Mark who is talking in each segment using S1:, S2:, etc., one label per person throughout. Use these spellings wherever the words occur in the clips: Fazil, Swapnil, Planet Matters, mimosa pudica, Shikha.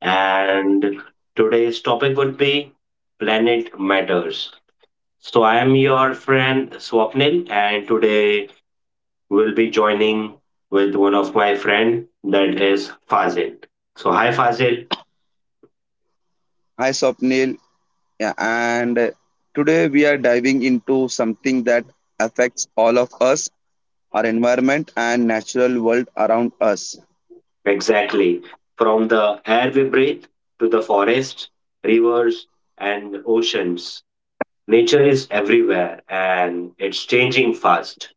S1: And today's topic would be Planet Matters. So, I am your friend Swapnil, and today we'll be joining with one of my friend that is Fazil. So, hi, Fazil.
S2: Hi Swapnil, Yeah, and today we are diving into something that affects all of us, our environment and natural world around us.
S1: Exactly. From the air we breathe to the forests, rivers, and oceans, nature is everywhere and it's changing fast.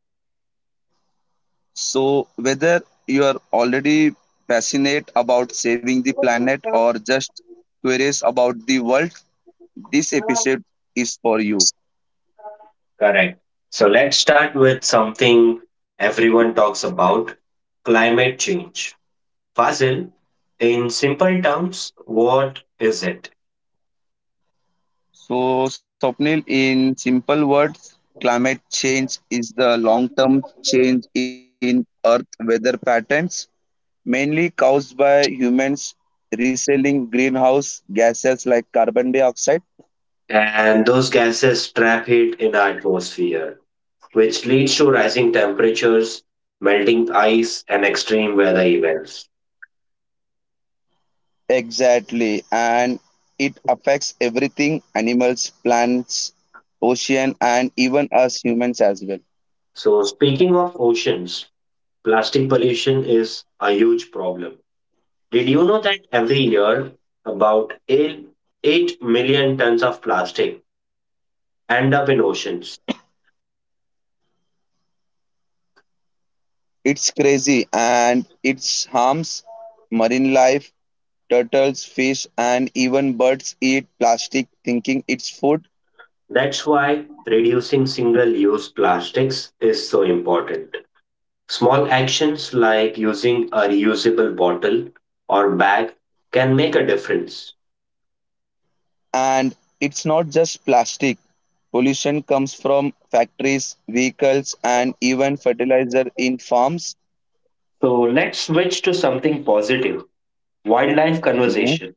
S2: So whether you are already passionate about saving the planet or just curious about the world, this episode is for you.
S1: Correct. So let's start with something everyone talks about climate change. Fazil, in simple terms, what is it?
S2: So Swapnil, in simple words, climate change is the long-term change in earth weather patterns mainly caused by humans reselling greenhouse gases like carbon dioxide.
S1: And those gases trap heat in the atmosphere, which leads to rising temperatures, melting ice, and extreme weather events.
S2: Exactly, and it affects everything animals, plants, ocean, and even us humans as well.
S1: So, speaking of oceans, plastic pollution is a huge problem. Did you know that every year about 8 million tons of plastic end up in oceans.
S2: It's crazy and it harms marine life. Turtles, fish, and even birds eat plastic, thinking it's food.
S1: That's why reducing single use plastics is so important. Small actions like using a reusable bottle or bag can make a difference.
S2: And it's not just plastic. Pollution comes from factories, vehicles, and even fertilizer in farms.
S1: So let's switch to something positive wildlife
S2: Mm-hmm.
S1: conversation.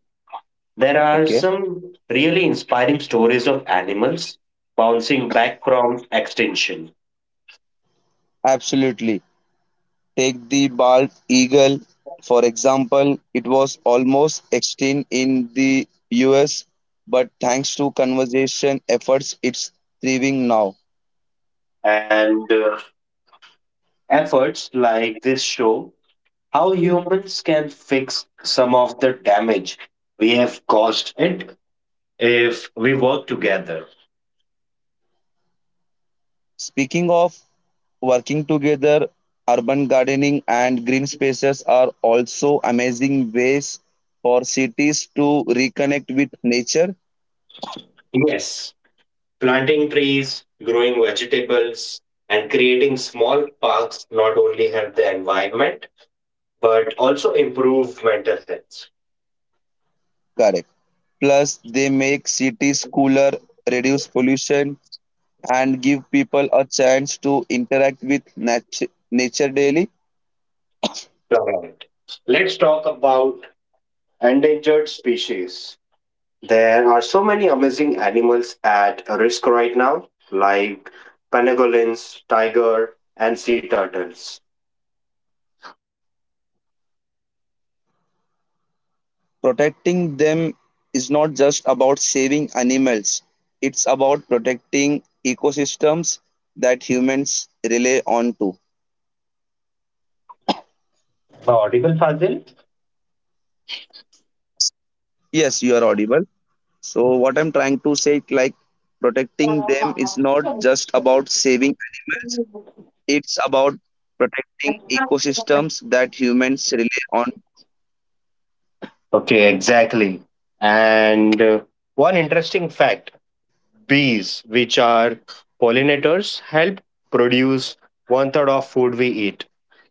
S1: There are
S2: Okay.
S1: some really inspiring stories of animals bouncing back from extinction.
S2: Absolutely. Take the bald eagle, for example, it was almost extinct in the US, but thanks to conservation efforts, it's thriving now.
S1: And Efforts like this show how humans can fix some of the damage we have caused it if we work together.
S2: Speaking of working together, urban gardening and green spaces are also amazing ways for cities to reconnect with nature.
S1: Yes, planting trees, growing vegetables, and creating small parks not only help the environment but also improve mental health.
S2: Correct. Plus, they make cities cooler, reduce pollution, and give people a chance to interact with nature daily.
S1: Correct. Let's talk about endangered species. There are so many amazing animals at risk right now, like pangolins, tiger, and sea turtles.
S2: Protecting them is not just about saving animals, it's about protecting ecosystems that humans rely on too.
S1: Am I audible, Fazil?
S2: Yes, you are audible. So what I'm trying to say, like, protecting them is not just about saving animals, it's about protecting ecosystems that humans rely on too.
S1: Okay, exactly. And One interesting fact bees, which are pollinators, help produce one third of food we eat.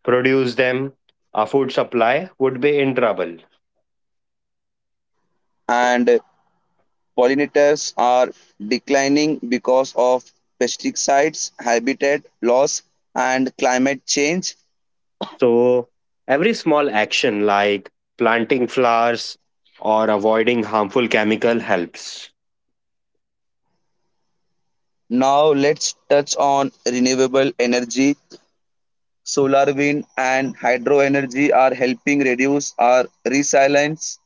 S1: Produce them, our food supply would be in trouble.
S2: And pollinators are declining because of pesticides, habitat loss, and climate change.
S1: So, every small action like planting flowers or avoiding harmful chemical helps.
S2: Now let's touch on renewable energy. Solar wind and hydro energy are helping reduce our resilience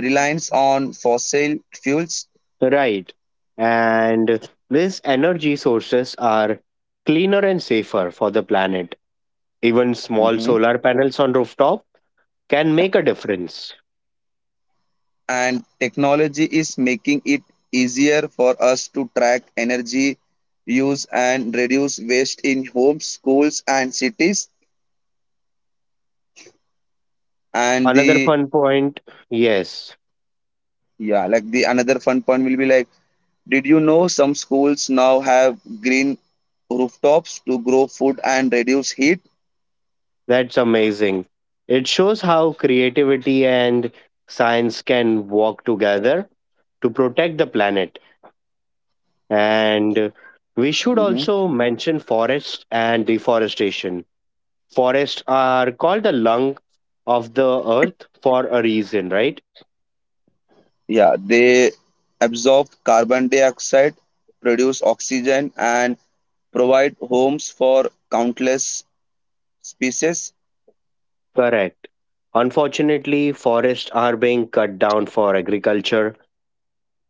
S2: reliance on fossil fuels.
S1: Right. And these energy sources are cleaner and safer for the planet. Even small
S2: Mhm.
S1: solar panels on rooftop can make a difference.
S2: And technology is making it easier for us to track energy use and reduce waste in homes, schools, and cities, and
S1: Another
S2: the
S1: fun point yes,
S2: yeah, like, the another fun point will be like, did you know some schools now have green rooftops to grow food and reduce heat?
S1: that's amazing. It shows how creativity and science can work together to protect the planet. And we should
S2: Mhm.
S1: also mention forests and deforestation. Forests are called the lung of the earth for a reason, right?
S2: Yeah, they absorb carbon dioxide, produce oxygen, and provide homes for countless species.
S1: Correct. Unfortunately, forests are being cut down for agriculture,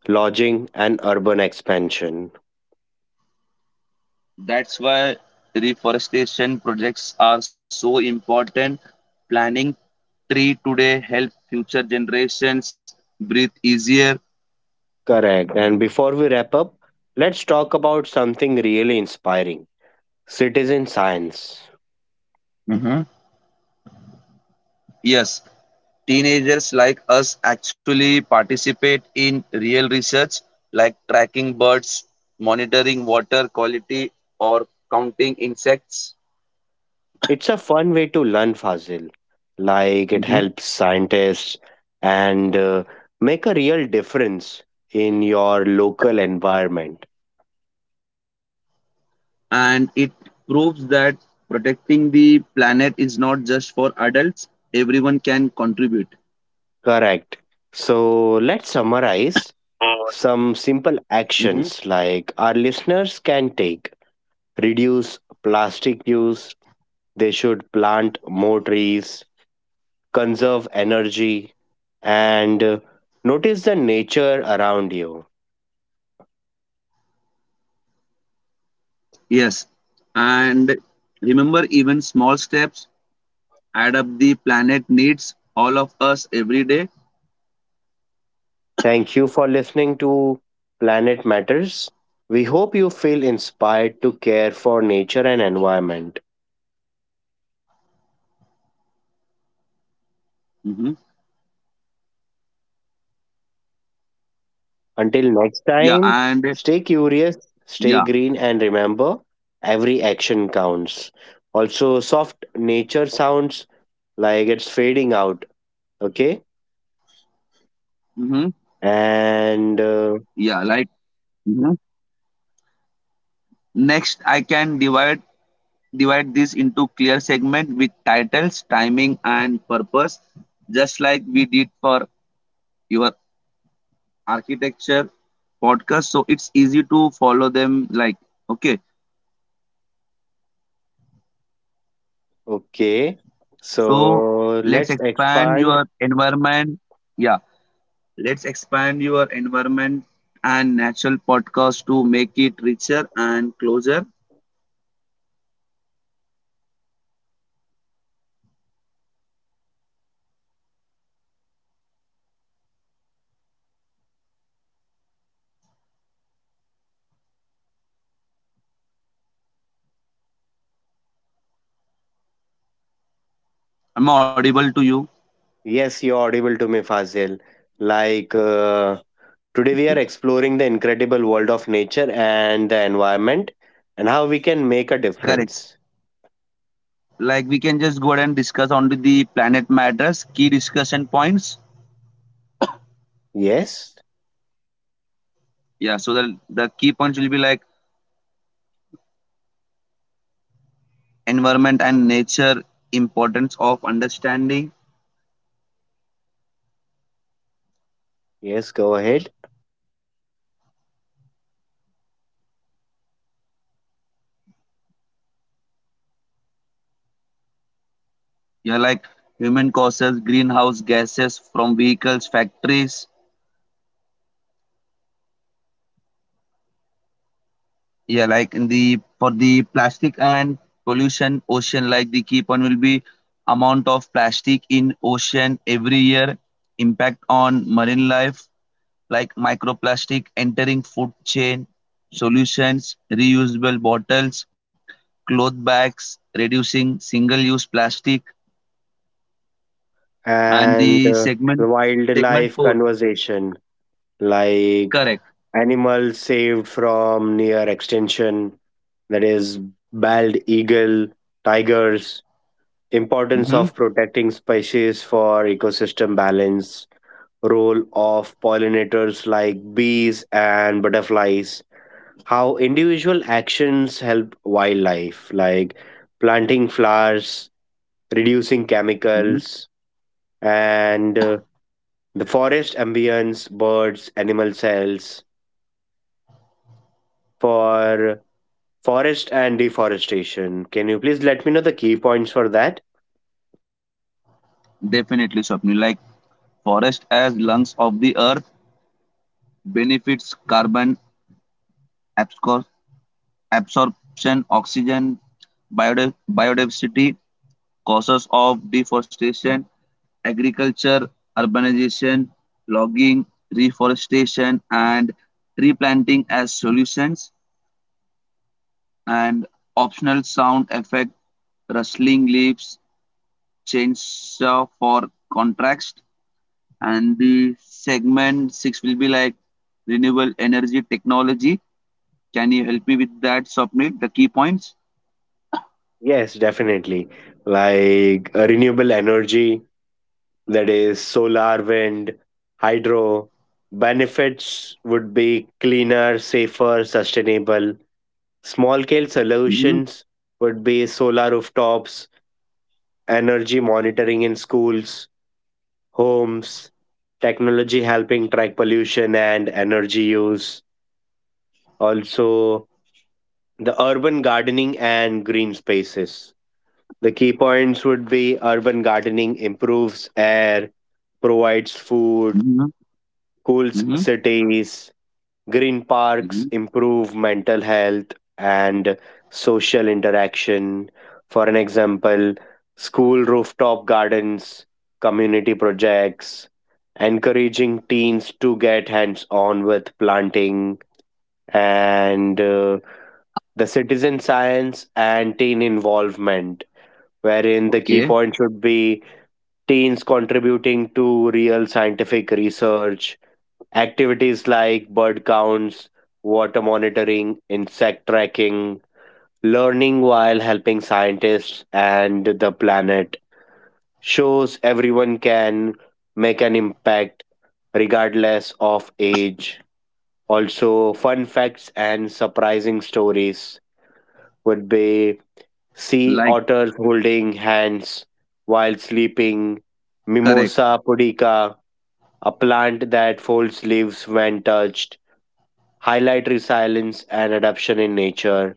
S1: lodging, and urban expansion.
S2: That's why reforestation projects are so important. Planting tree today help future generations breathe easier.
S1: Correct. And before we wrap up, let's talk about something really inspiring citizen science.
S2: hmm Yes, teenagers like us actually participate in real research like tracking birds, monitoring water quality, or counting insects.
S1: It's a fun way to learn Fazil. Like it helps
S2: Mhm.
S1: scientists and make a real difference in your local environment.
S2: And it proves that protecting the planet is not just for adults, everyone can contribute.
S1: Correct. So let's summarize some simple
S2: Mhm.
S1: actions like our listeners can take. Reduce plastic use. They should plant more trees, conserve energy, and notice the nature around you.
S2: Yes. And remember, even small steps add up, the planet needs all of us every day.
S1: Thank you for listening to Planet Matters. We hope you feel inspired to care for nature and environment.
S2: Mhm.
S1: Until next
S2: Yeah.
S1: time,
S2: And
S1: stay curious, stay
S2: yeah.
S1: green, and remember every action counts. Also, soft nature sounds like it's fading out. Okay.
S2: Mhm.
S1: And
S2: Yeah. Like. Mhm. Next, I can divide this into clear segment with titles, timing, and purpose, just like we did for your architecture podcast, so it's easy to follow them. Like, okay,
S1: okay.
S2: so
S1: So
S2: let's
S1: let's
S2: expand
S1: expand.
S2: your environment. Yeah, let's expand your environment and natural podcast to make it richer and closer. Am I audible to you?
S1: Yes, you're audible to me, Fazil. Like, uh, Today, we are exploring the incredible world of nature and the environment and how we can make a
S2: Correct.
S1: difference.
S2: Like, we can just go ahead and discuss only the Planet Matters key discussion points,
S1: Yes,
S2: yeah, so the key points will be like environment and nature, importance of understanding,
S1: yes, go ahead.
S2: yeah, like human causes greenhouse gases from vehicles, factories, yeah, like in the for the plastic and pollution ocean, like the key point will be amount of plastic in ocean every year, impact on marine life like microplastic entering food chain, solutions, reusable bottles, cloth bags, reducing single-use plastic, and the
S1: And
S2: segment
S1: the
S2: segment
S1: wildlife
S2: four.
S1: conversation, like
S2: Correct.
S1: animals saved from near extinction, that is, bald eagle, tigers, importance
S2: Mm-hmm.
S1: of protecting species for ecosystem balance, role of pollinators like bees and butterflies how individual actions help wildlife, like planting flowers, reducing
S2: Mm-hmm.
S1: chemicals, and the forest ambience, birds, animal cells for forest and deforestation. Can you please let me know the key points for that?
S2: Definitely, Swapnil. Like forest as lungs of the earth, benefits carbon abscor- absorption, oxygen, biodiversity, causes of deforestation, agriculture, urbanization, logging, reforestation, and tree planting as solutions, and optional sound effect, rustling leaves, chainsaw for contrast, and the segment six will be like renewable energy technology. Can you help me with that, Swapnil? The key points.
S1: Yes, definitely. Renewable energy, that is solar, wind, hydro. Benefits would be cleaner, safer, sustainable. Small scale
S2: Mm-hmm.
S1: solutions would be solar rooftops, energy monitoring in schools, homes, technology helping track pollution and energy use, also the urban gardening and green spaces. The key points would be urban gardening improves air, provides food,
S2: Mm-hmm.
S1: cools
S2: Mm-hmm.
S1: cities, green
S2: Mm-hmm.
S1: parks improve mental health and social interaction. For an example, school rooftop gardens, community projects, encouraging teens to get hands on with planting, and the citizen science and teen involvement, wherein the
S2: Okay.
S1: key point should be teens contributing to real scientific research. Activities like bird counts, water monitoring, insect tracking, learning while helping scientists and the planet shows everyone can make an impact regardless of age. Also, fun facts and surprising stories would be sea
S2: Like,
S1: otters holding hands while sleeping,
S2: correct.
S1: mimosa pudica, a plant that folds leaves when touched highlight resilience and adaptation in nature,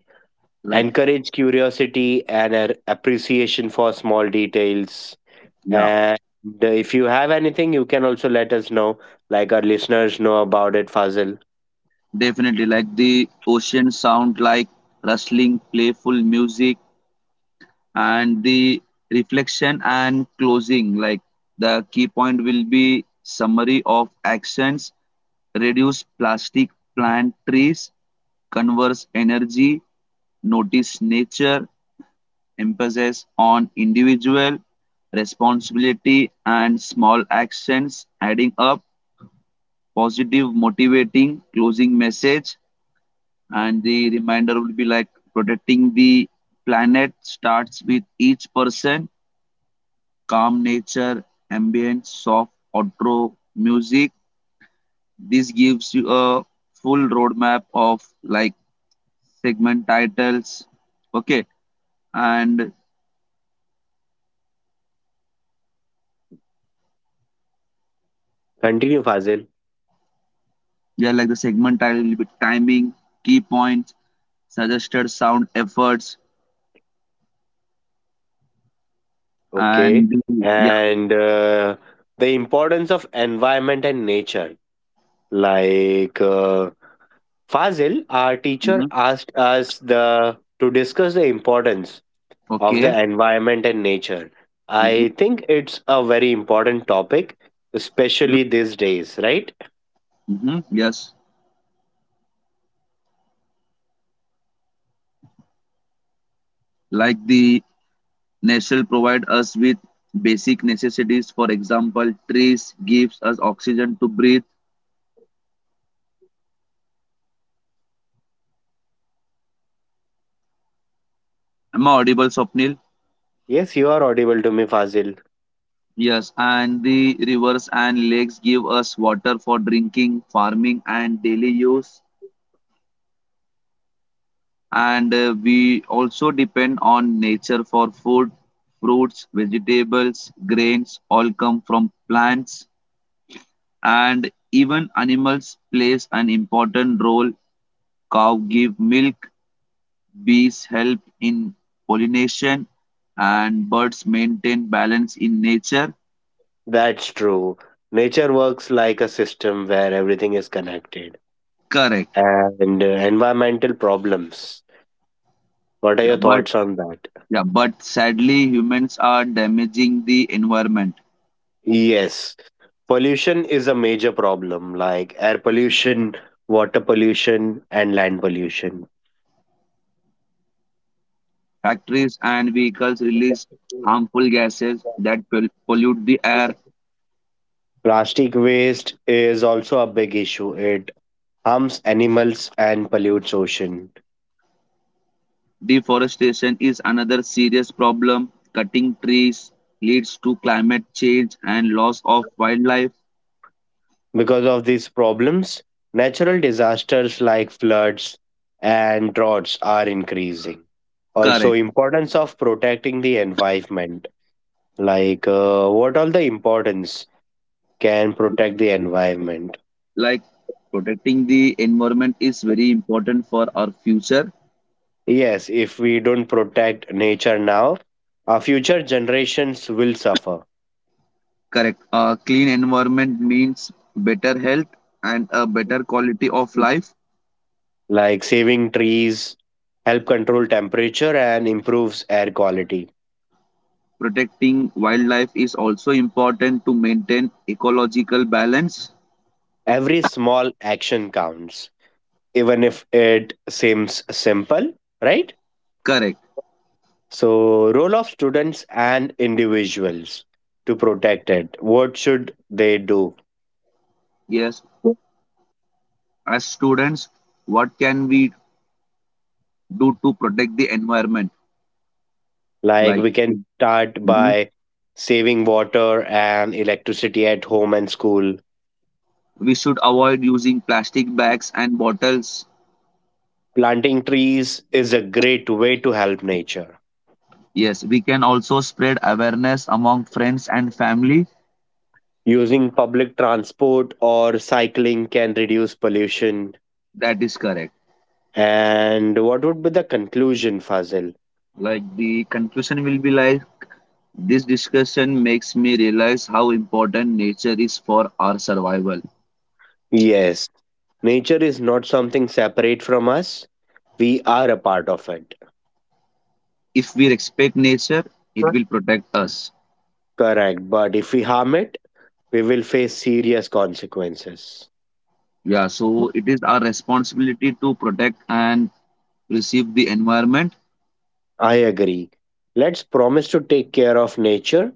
S2: Like,
S1: encourage curiosity and appreciation for small details.
S2: yeah.
S1: And if you have anything, you can also let us know, like our listeners know about it, Fazil.
S2: Definitely, like the ocean sound, like rustling, playful music, and the reflection and closing. Like, the key point will be summary of actions, reduce plastic, plant trees, converse energy, notice nature, emphasis on individual responsibility and small actions adding up, positive, motivating, closing message, and the reminder will be like protecting the planet starts with each person, calm nature ambient soft outro music, this gives you a full roadmap of like segment titles, okay, and
S1: Continue, Fazil.
S2: yeah, like the segment title will be timing, key points, suggested sound efforts, and
S1: Okay.
S2: the yeah.
S1: And the importance of environment and nature. Like uh, Fazil, our teacher
S2: Mhm.
S1: asked us the to discuss the importance of the
S2: Okay.
S1: environment and nature.
S2: Hmm.
S1: I think it's a very important topic, especially these days, right?
S2: Hmm, yes, like, the nature provides us with basic necessities. For example, trees gives us oxygen to breathe. Am I audible, Swapnil?
S1: Yes, you are audible to me, Fazil.
S2: Yes, and the rivers and lakes give us water for drinking, farming, and daily use. And We also depend on nature for food, fruits, vegetables, grains, all come from plants. And even animals plays an important role. Cow give milk, bees help in pollination and birds maintain balance in nature.
S1: That's true. Nature works like a system where everything is connected.
S2: Correct.
S1: And Environmental problems. What are
S2: Yeah,
S1: your
S2: but
S1: thoughts on that?
S2: yeah, but sadly humans are damaging the environment.
S1: Yes, pollution is a major problem, like air pollution, water pollution, and land pollution.
S2: Factories and vehicles release harmful gases that pollute the air.
S1: Plastic waste is also a big issue. It harms animals and pollutes ocean.
S2: Deforestation is another serious problem. Cutting trees leads to climate change and loss of wildlife.
S1: Because of these problems, natural disasters like floods and droughts are increasing. Also,
S2: Correct.
S1: importance of protecting the environment. What all the importance can protect the environment?
S2: Like, protecting the environment is very important for our future.
S1: Yes, if we don't protect nature now, our future generations will suffer.
S2: Correct. A clean environment means better health and a better quality of life.
S1: Like saving trees help control temperature and improves air quality.
S2: Protecting wildlife is also important to maintain ecological balance.
S1: Every small action counts, even if it seems simple, right?
S2: Correct.
S1: So, role of students and individuals to protect it. What should they do?
S2: Yes. As students, what can we do to protect the environment?
S1: Like
S2: Like,
S1: we can start
S2: mhm,
S1: by saving water and electricity at home and school.
S2: we should avoid using plastic bags and bottles.
S1: Planting trees is a great way to help nature.
S2: Yes. We can also spread awareness among friends and family.
S1: Using public transport or cycling can reduce pollution.
S2: That is correct.
S1: And what would be the conclusion, Fazil?
S2: Like, the conclusion will be like, this discussion makes me realize how important nature is for our survival.
S1: Yes, nature is not something separate from us. We are a part of it.
S2: If we respect nature, it
S1: Huh?
S2: will protect us.
S1: Correct. But if we harm it, we will face serious consequences.
S2: Yeah, so it is our responsibility to protect and preserve the environment.
S1: I agree. Let's promise to take care of nature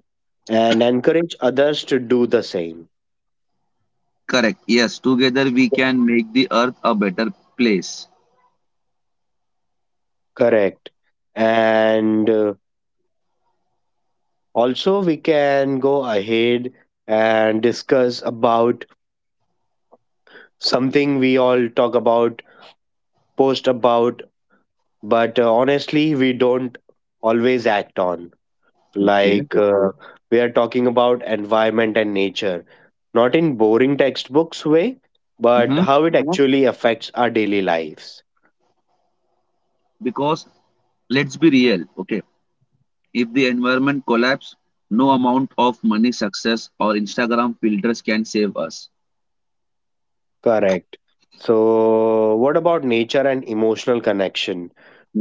S1: and encourage others to do the same.
S2: Correct. Yes, together we can make the earth a better place.
S1: Correct. And Also we can go ahead and discuss about something we all talk about post about but honestly we don't always act on
S2: Okay.
S1: like uh, we are talking about environment and nature not in boring textbooks way but
S2: Mm-hmm.
S1: how it actually affects our daily lives.
S2: Because let's be real. Okay. If the environment collapse, no amount of money, success, or Instagram filters can save us.
S1: Correct. So, what about nature and emotional connection?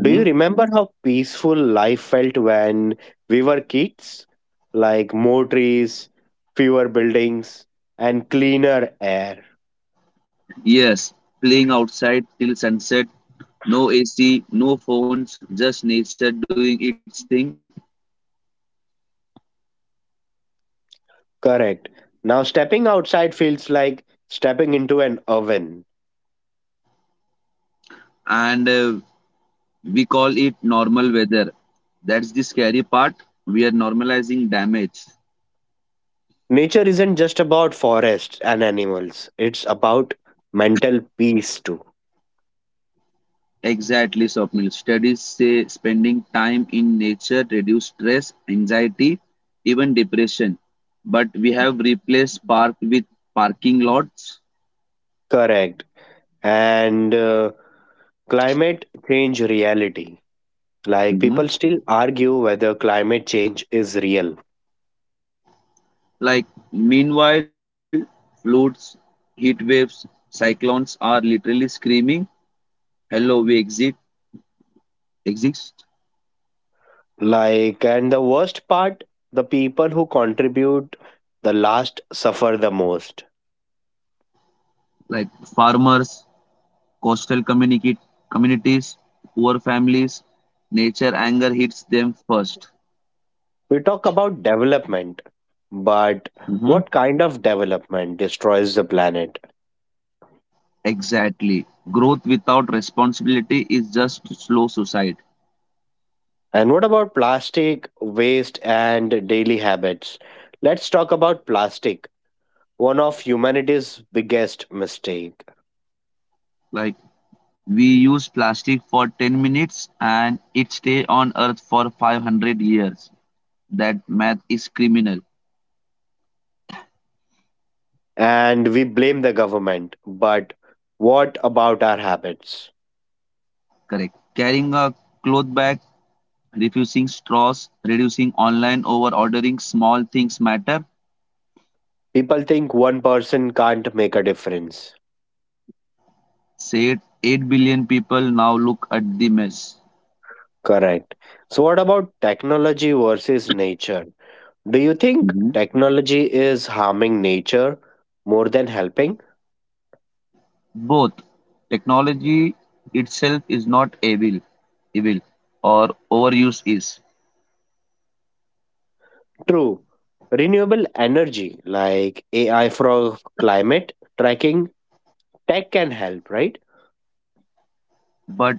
S1: Do you remember how peaceful life felt when we were kids? Like more trees, fewer buildings, and cleaner air.
S2: Yes, playing outside till sunset, no AC, no phones, just nature doing its thing,
S1: Correct. Now, stepping outside feels like stepping into an oven.
S2: and we call it normal weather. That's the scary part. We are normalizing damage.
S1: Nature isn't just about forests and animals, it's about mental peace too.
S2: Exactly, Swapnil. Studies say spending time in nature reduce stress, anxiety, even depression. But we have replaced park with parking lots.
S1: Correct. And Climate change reality. Like people still argue whether climate change is real.
S2: Like, meanwhile, floods, heat waves, cyclones are literally screaming, hello, we exist.
S1: Like and the worst part, the people who contribute the last suffer the most.
S2: Like, farmers, coastal communicate, communities, poor families, nature anger hits them 1st.
S1: We talk about development, but
S2: Mhm.
S1: what kind of development destroys the planet?
S2: Exactly. Growth without responsibility is just slow suicide.
S1: And what about plastic waste and daily habits? Let's talk about plastic, one of humanity's biggest mistake.
S2: Like, we use plastic for 10 minutes and it stay on earth for 500 years. That math is criminal.
S1: And we blame the government, but what about our habits?
S2: Correct. Carrying a cloth bag, refusing straws, reducing online over ordering, small things matter.
S1: People think one person can't make a difference.
S2: Said 8 billion people now look at the mess.
S1: Correct. So, what about technology versus nature? Do you think
S2: Mhm.
S1: technology is harming nature more than helping?
S2: Both, technology itself is not evil or overuse is,
S1: True. Renewable energy like AI for climate tracking, tech can help, right?
S2: but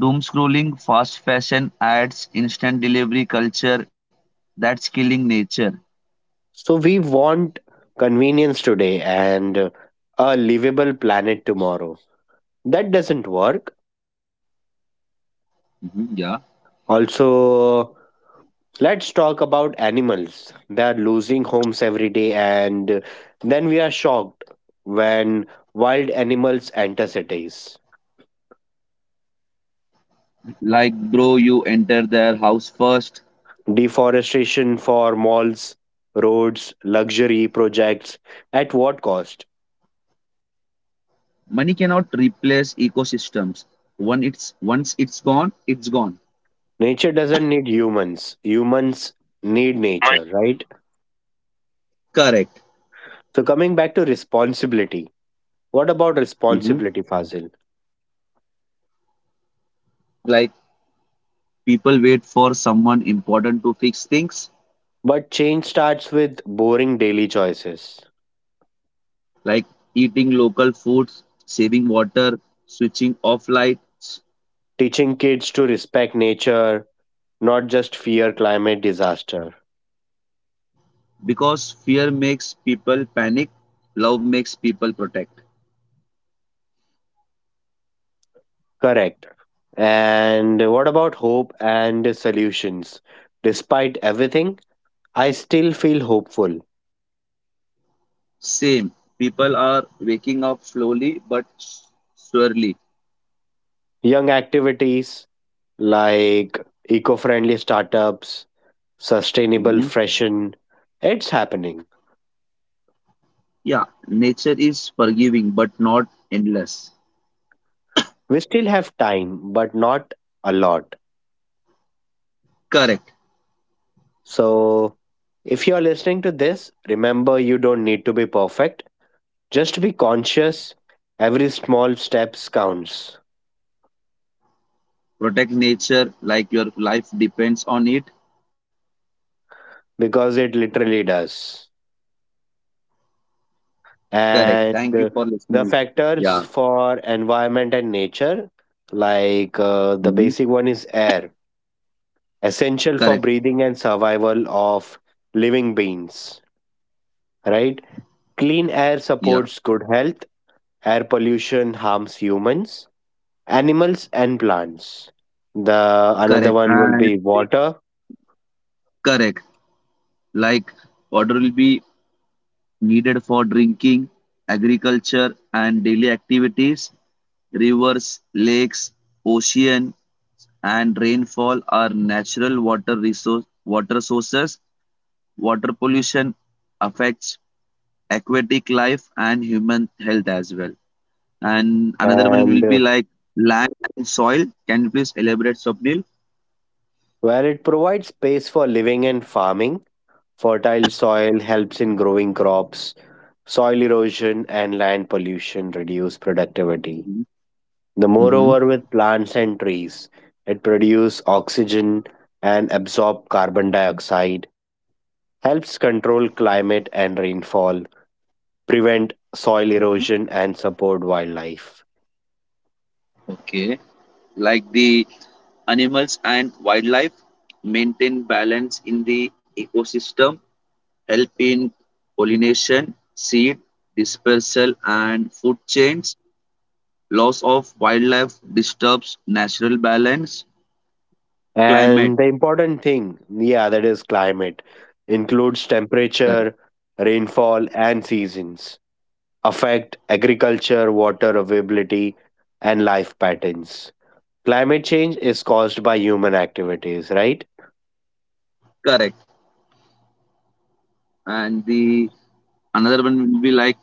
S2: doom scrolling, fast fashion ads, instant delivery culture, that's killing nature.
S1: So, we want convenience today and a livable planet tomorrow. That doesn't work.
S2: Mhm. Yeah.
S1: Also, let's talk about animals. They are losing homes every day, and then we are shocked when wild animals enter cities.
S2: Like bro, you enter their house first.
S1: Deforestation for malls, roads, luxury projects. At what cost?
S2: Money cannot replace ecosystems. One it's once it's gone, it's gone.
S1: Nature doesn't need humans, humans need
S2: Money.
S1: nature, right?
S2: Correct.
S1: So, coming back to responsibility. What about
S2: hmm
S1: responsibility, Fazil?
S2: Like, people wait for someone important to fix things,
S1: But change starts with boring daily choices.
S2: like eating local foods, saving water, switching off lights,
S1: Teaching kids to respect nature, not just fear climate disaster.
S2: because fear makes people panic, love makes people protect.
S1: Correct. And what about hope and solutions? Despite everything, I still feel hopeful.
S2: Same. People are waking up slowly but surely.
S1: Young activities like eco friendly startups, sustainable
S2: Mhm.
S1: fashion, it's happening.
S2: Yeah, nature is forgiving but not endless.
S1: We still have time, but not a lot.
S2: Correct.
S1: So, if you are listening to this, remember you don't need to be perfect. Just to be conscious, every small steps counts
S2: Protect nature like your life depends on it.
S1: because it literally does.
S2: Correct,
S1: And
S2: thank you for listening.
S1: the
S2: Yeah.
S1: factors for environment and nature, the
S2: Mhm.
S1: basic one is air, essential
S2: Correct.
S1: for breathing and survival of living beings, right? Clean air
S2: Yeah,
S1: supports good health, air pollution harms humans, animals, and plants. The another
S2: correct.
S1: one will be
S2: And the
S1: water
S2: correct. Like, water will be needed for drinking, agriculture, and daily activities, rivers, lakes, ocean, and rainfall are natural water sources, water pollution affects aquatic life and human health as well. And another one
S1: and
S2: will be like land and soil. Can you please elaborate, Swapnil?
S1: where it provides space for living and farming. Fertile soil helps in growing crops, soil erosion and land pollution reduce productivity. The moreover
S2: Mm-hmm.
S1: with plants and trees, it produces oxygen and absorb carbon dioxide, helps control climate and rainfall, prevent soil
S2: Hmm.
S1: erosion and support wildlife.
S2: Okay. Like, the animals and wildlife maintain balance in the ecosystem, help in pollination, seed dispersal, and food chains. Loss of wildlife disturbs natural balance,
S1: And
S2: climate.
S1: the important thing, yeah, that is climate includes
S2: Correct.
S1: temperature, rainfall and seasons. Affect agriculture, water availability, and life patterns. Climate change is caused by human activities, right?
S2: Correct. And the Another one will be like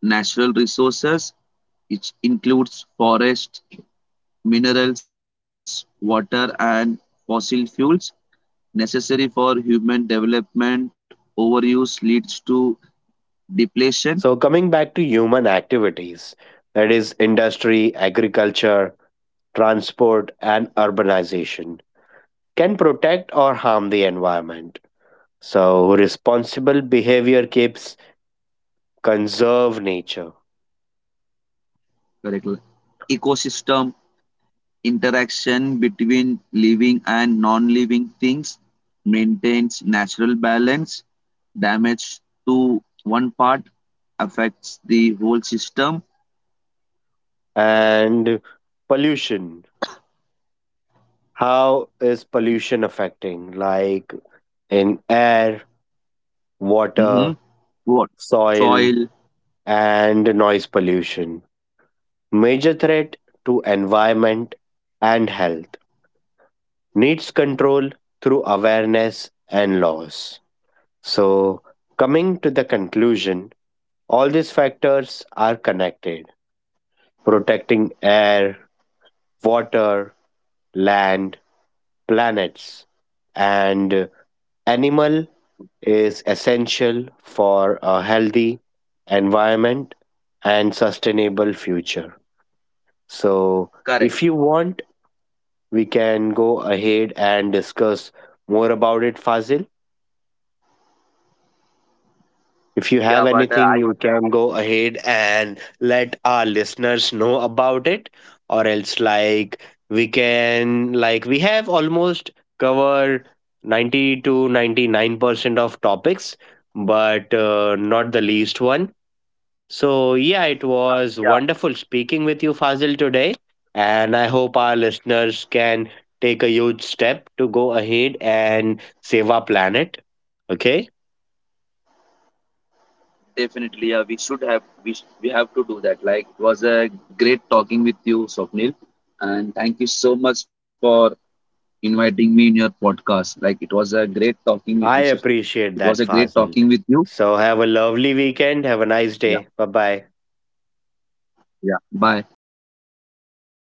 S2: natural resources, which includes forest, minerals, water, and fossil fuels necessary for human development. Overuse leads to depletion.
S1: So, coming back to human activities, that is, industry, agriculture, transport, and urbanization, can protect or harm the environment. So, responsible behavior keeps conserve nature
S2: Correct. Ecosystem interaction between living and non-living things maintains natural balance. Damage to one part affects the whole system.
S1: and pollution. How is pollution affecting? Like in air, water,
S2: Mm-hmm. What?
S1: soil,
S2: Soil.
S1: and noise pollution. Major threat to environment and health. Needs control through awareness and laws. So, coming to the conclusion, all these factors are connected. Protecting air, water, land, planets, and animal is essential for a healthy environment and sustainable future. So,
S2: Correct.
S1: if you want, we can go ahead and discuss more about it, Fazil. If you
S2: Yeah,
S1: have
S2: but
S1: anything,
S2: I
S1: you can go ahead and let our listeners know about it, or else, like, we can, like, we have almost covered 90 to 99% of topics, but not the least one. So, yeah, it was
S2: yeah,
S1: wonderful speaking with you, Fazil, today. And I hope our listeners can take a huge step to go ahead and save our planet. Okay.
S2: definitely, yeah, we should have we have to do that. Like, it was a great talking with you, Swapnil, and thank you so much for inviting me in your podcast. Like, it was a great talking. And
S1: I
S2: it was a
S1: appreciate that,
S2: great talking with
S1: Fazil.
S2: you.
S1: So, have a lovely weekend. Have a nice
S2: Yeah,
S1: day. Bye bye.
S2: yeah. Bye.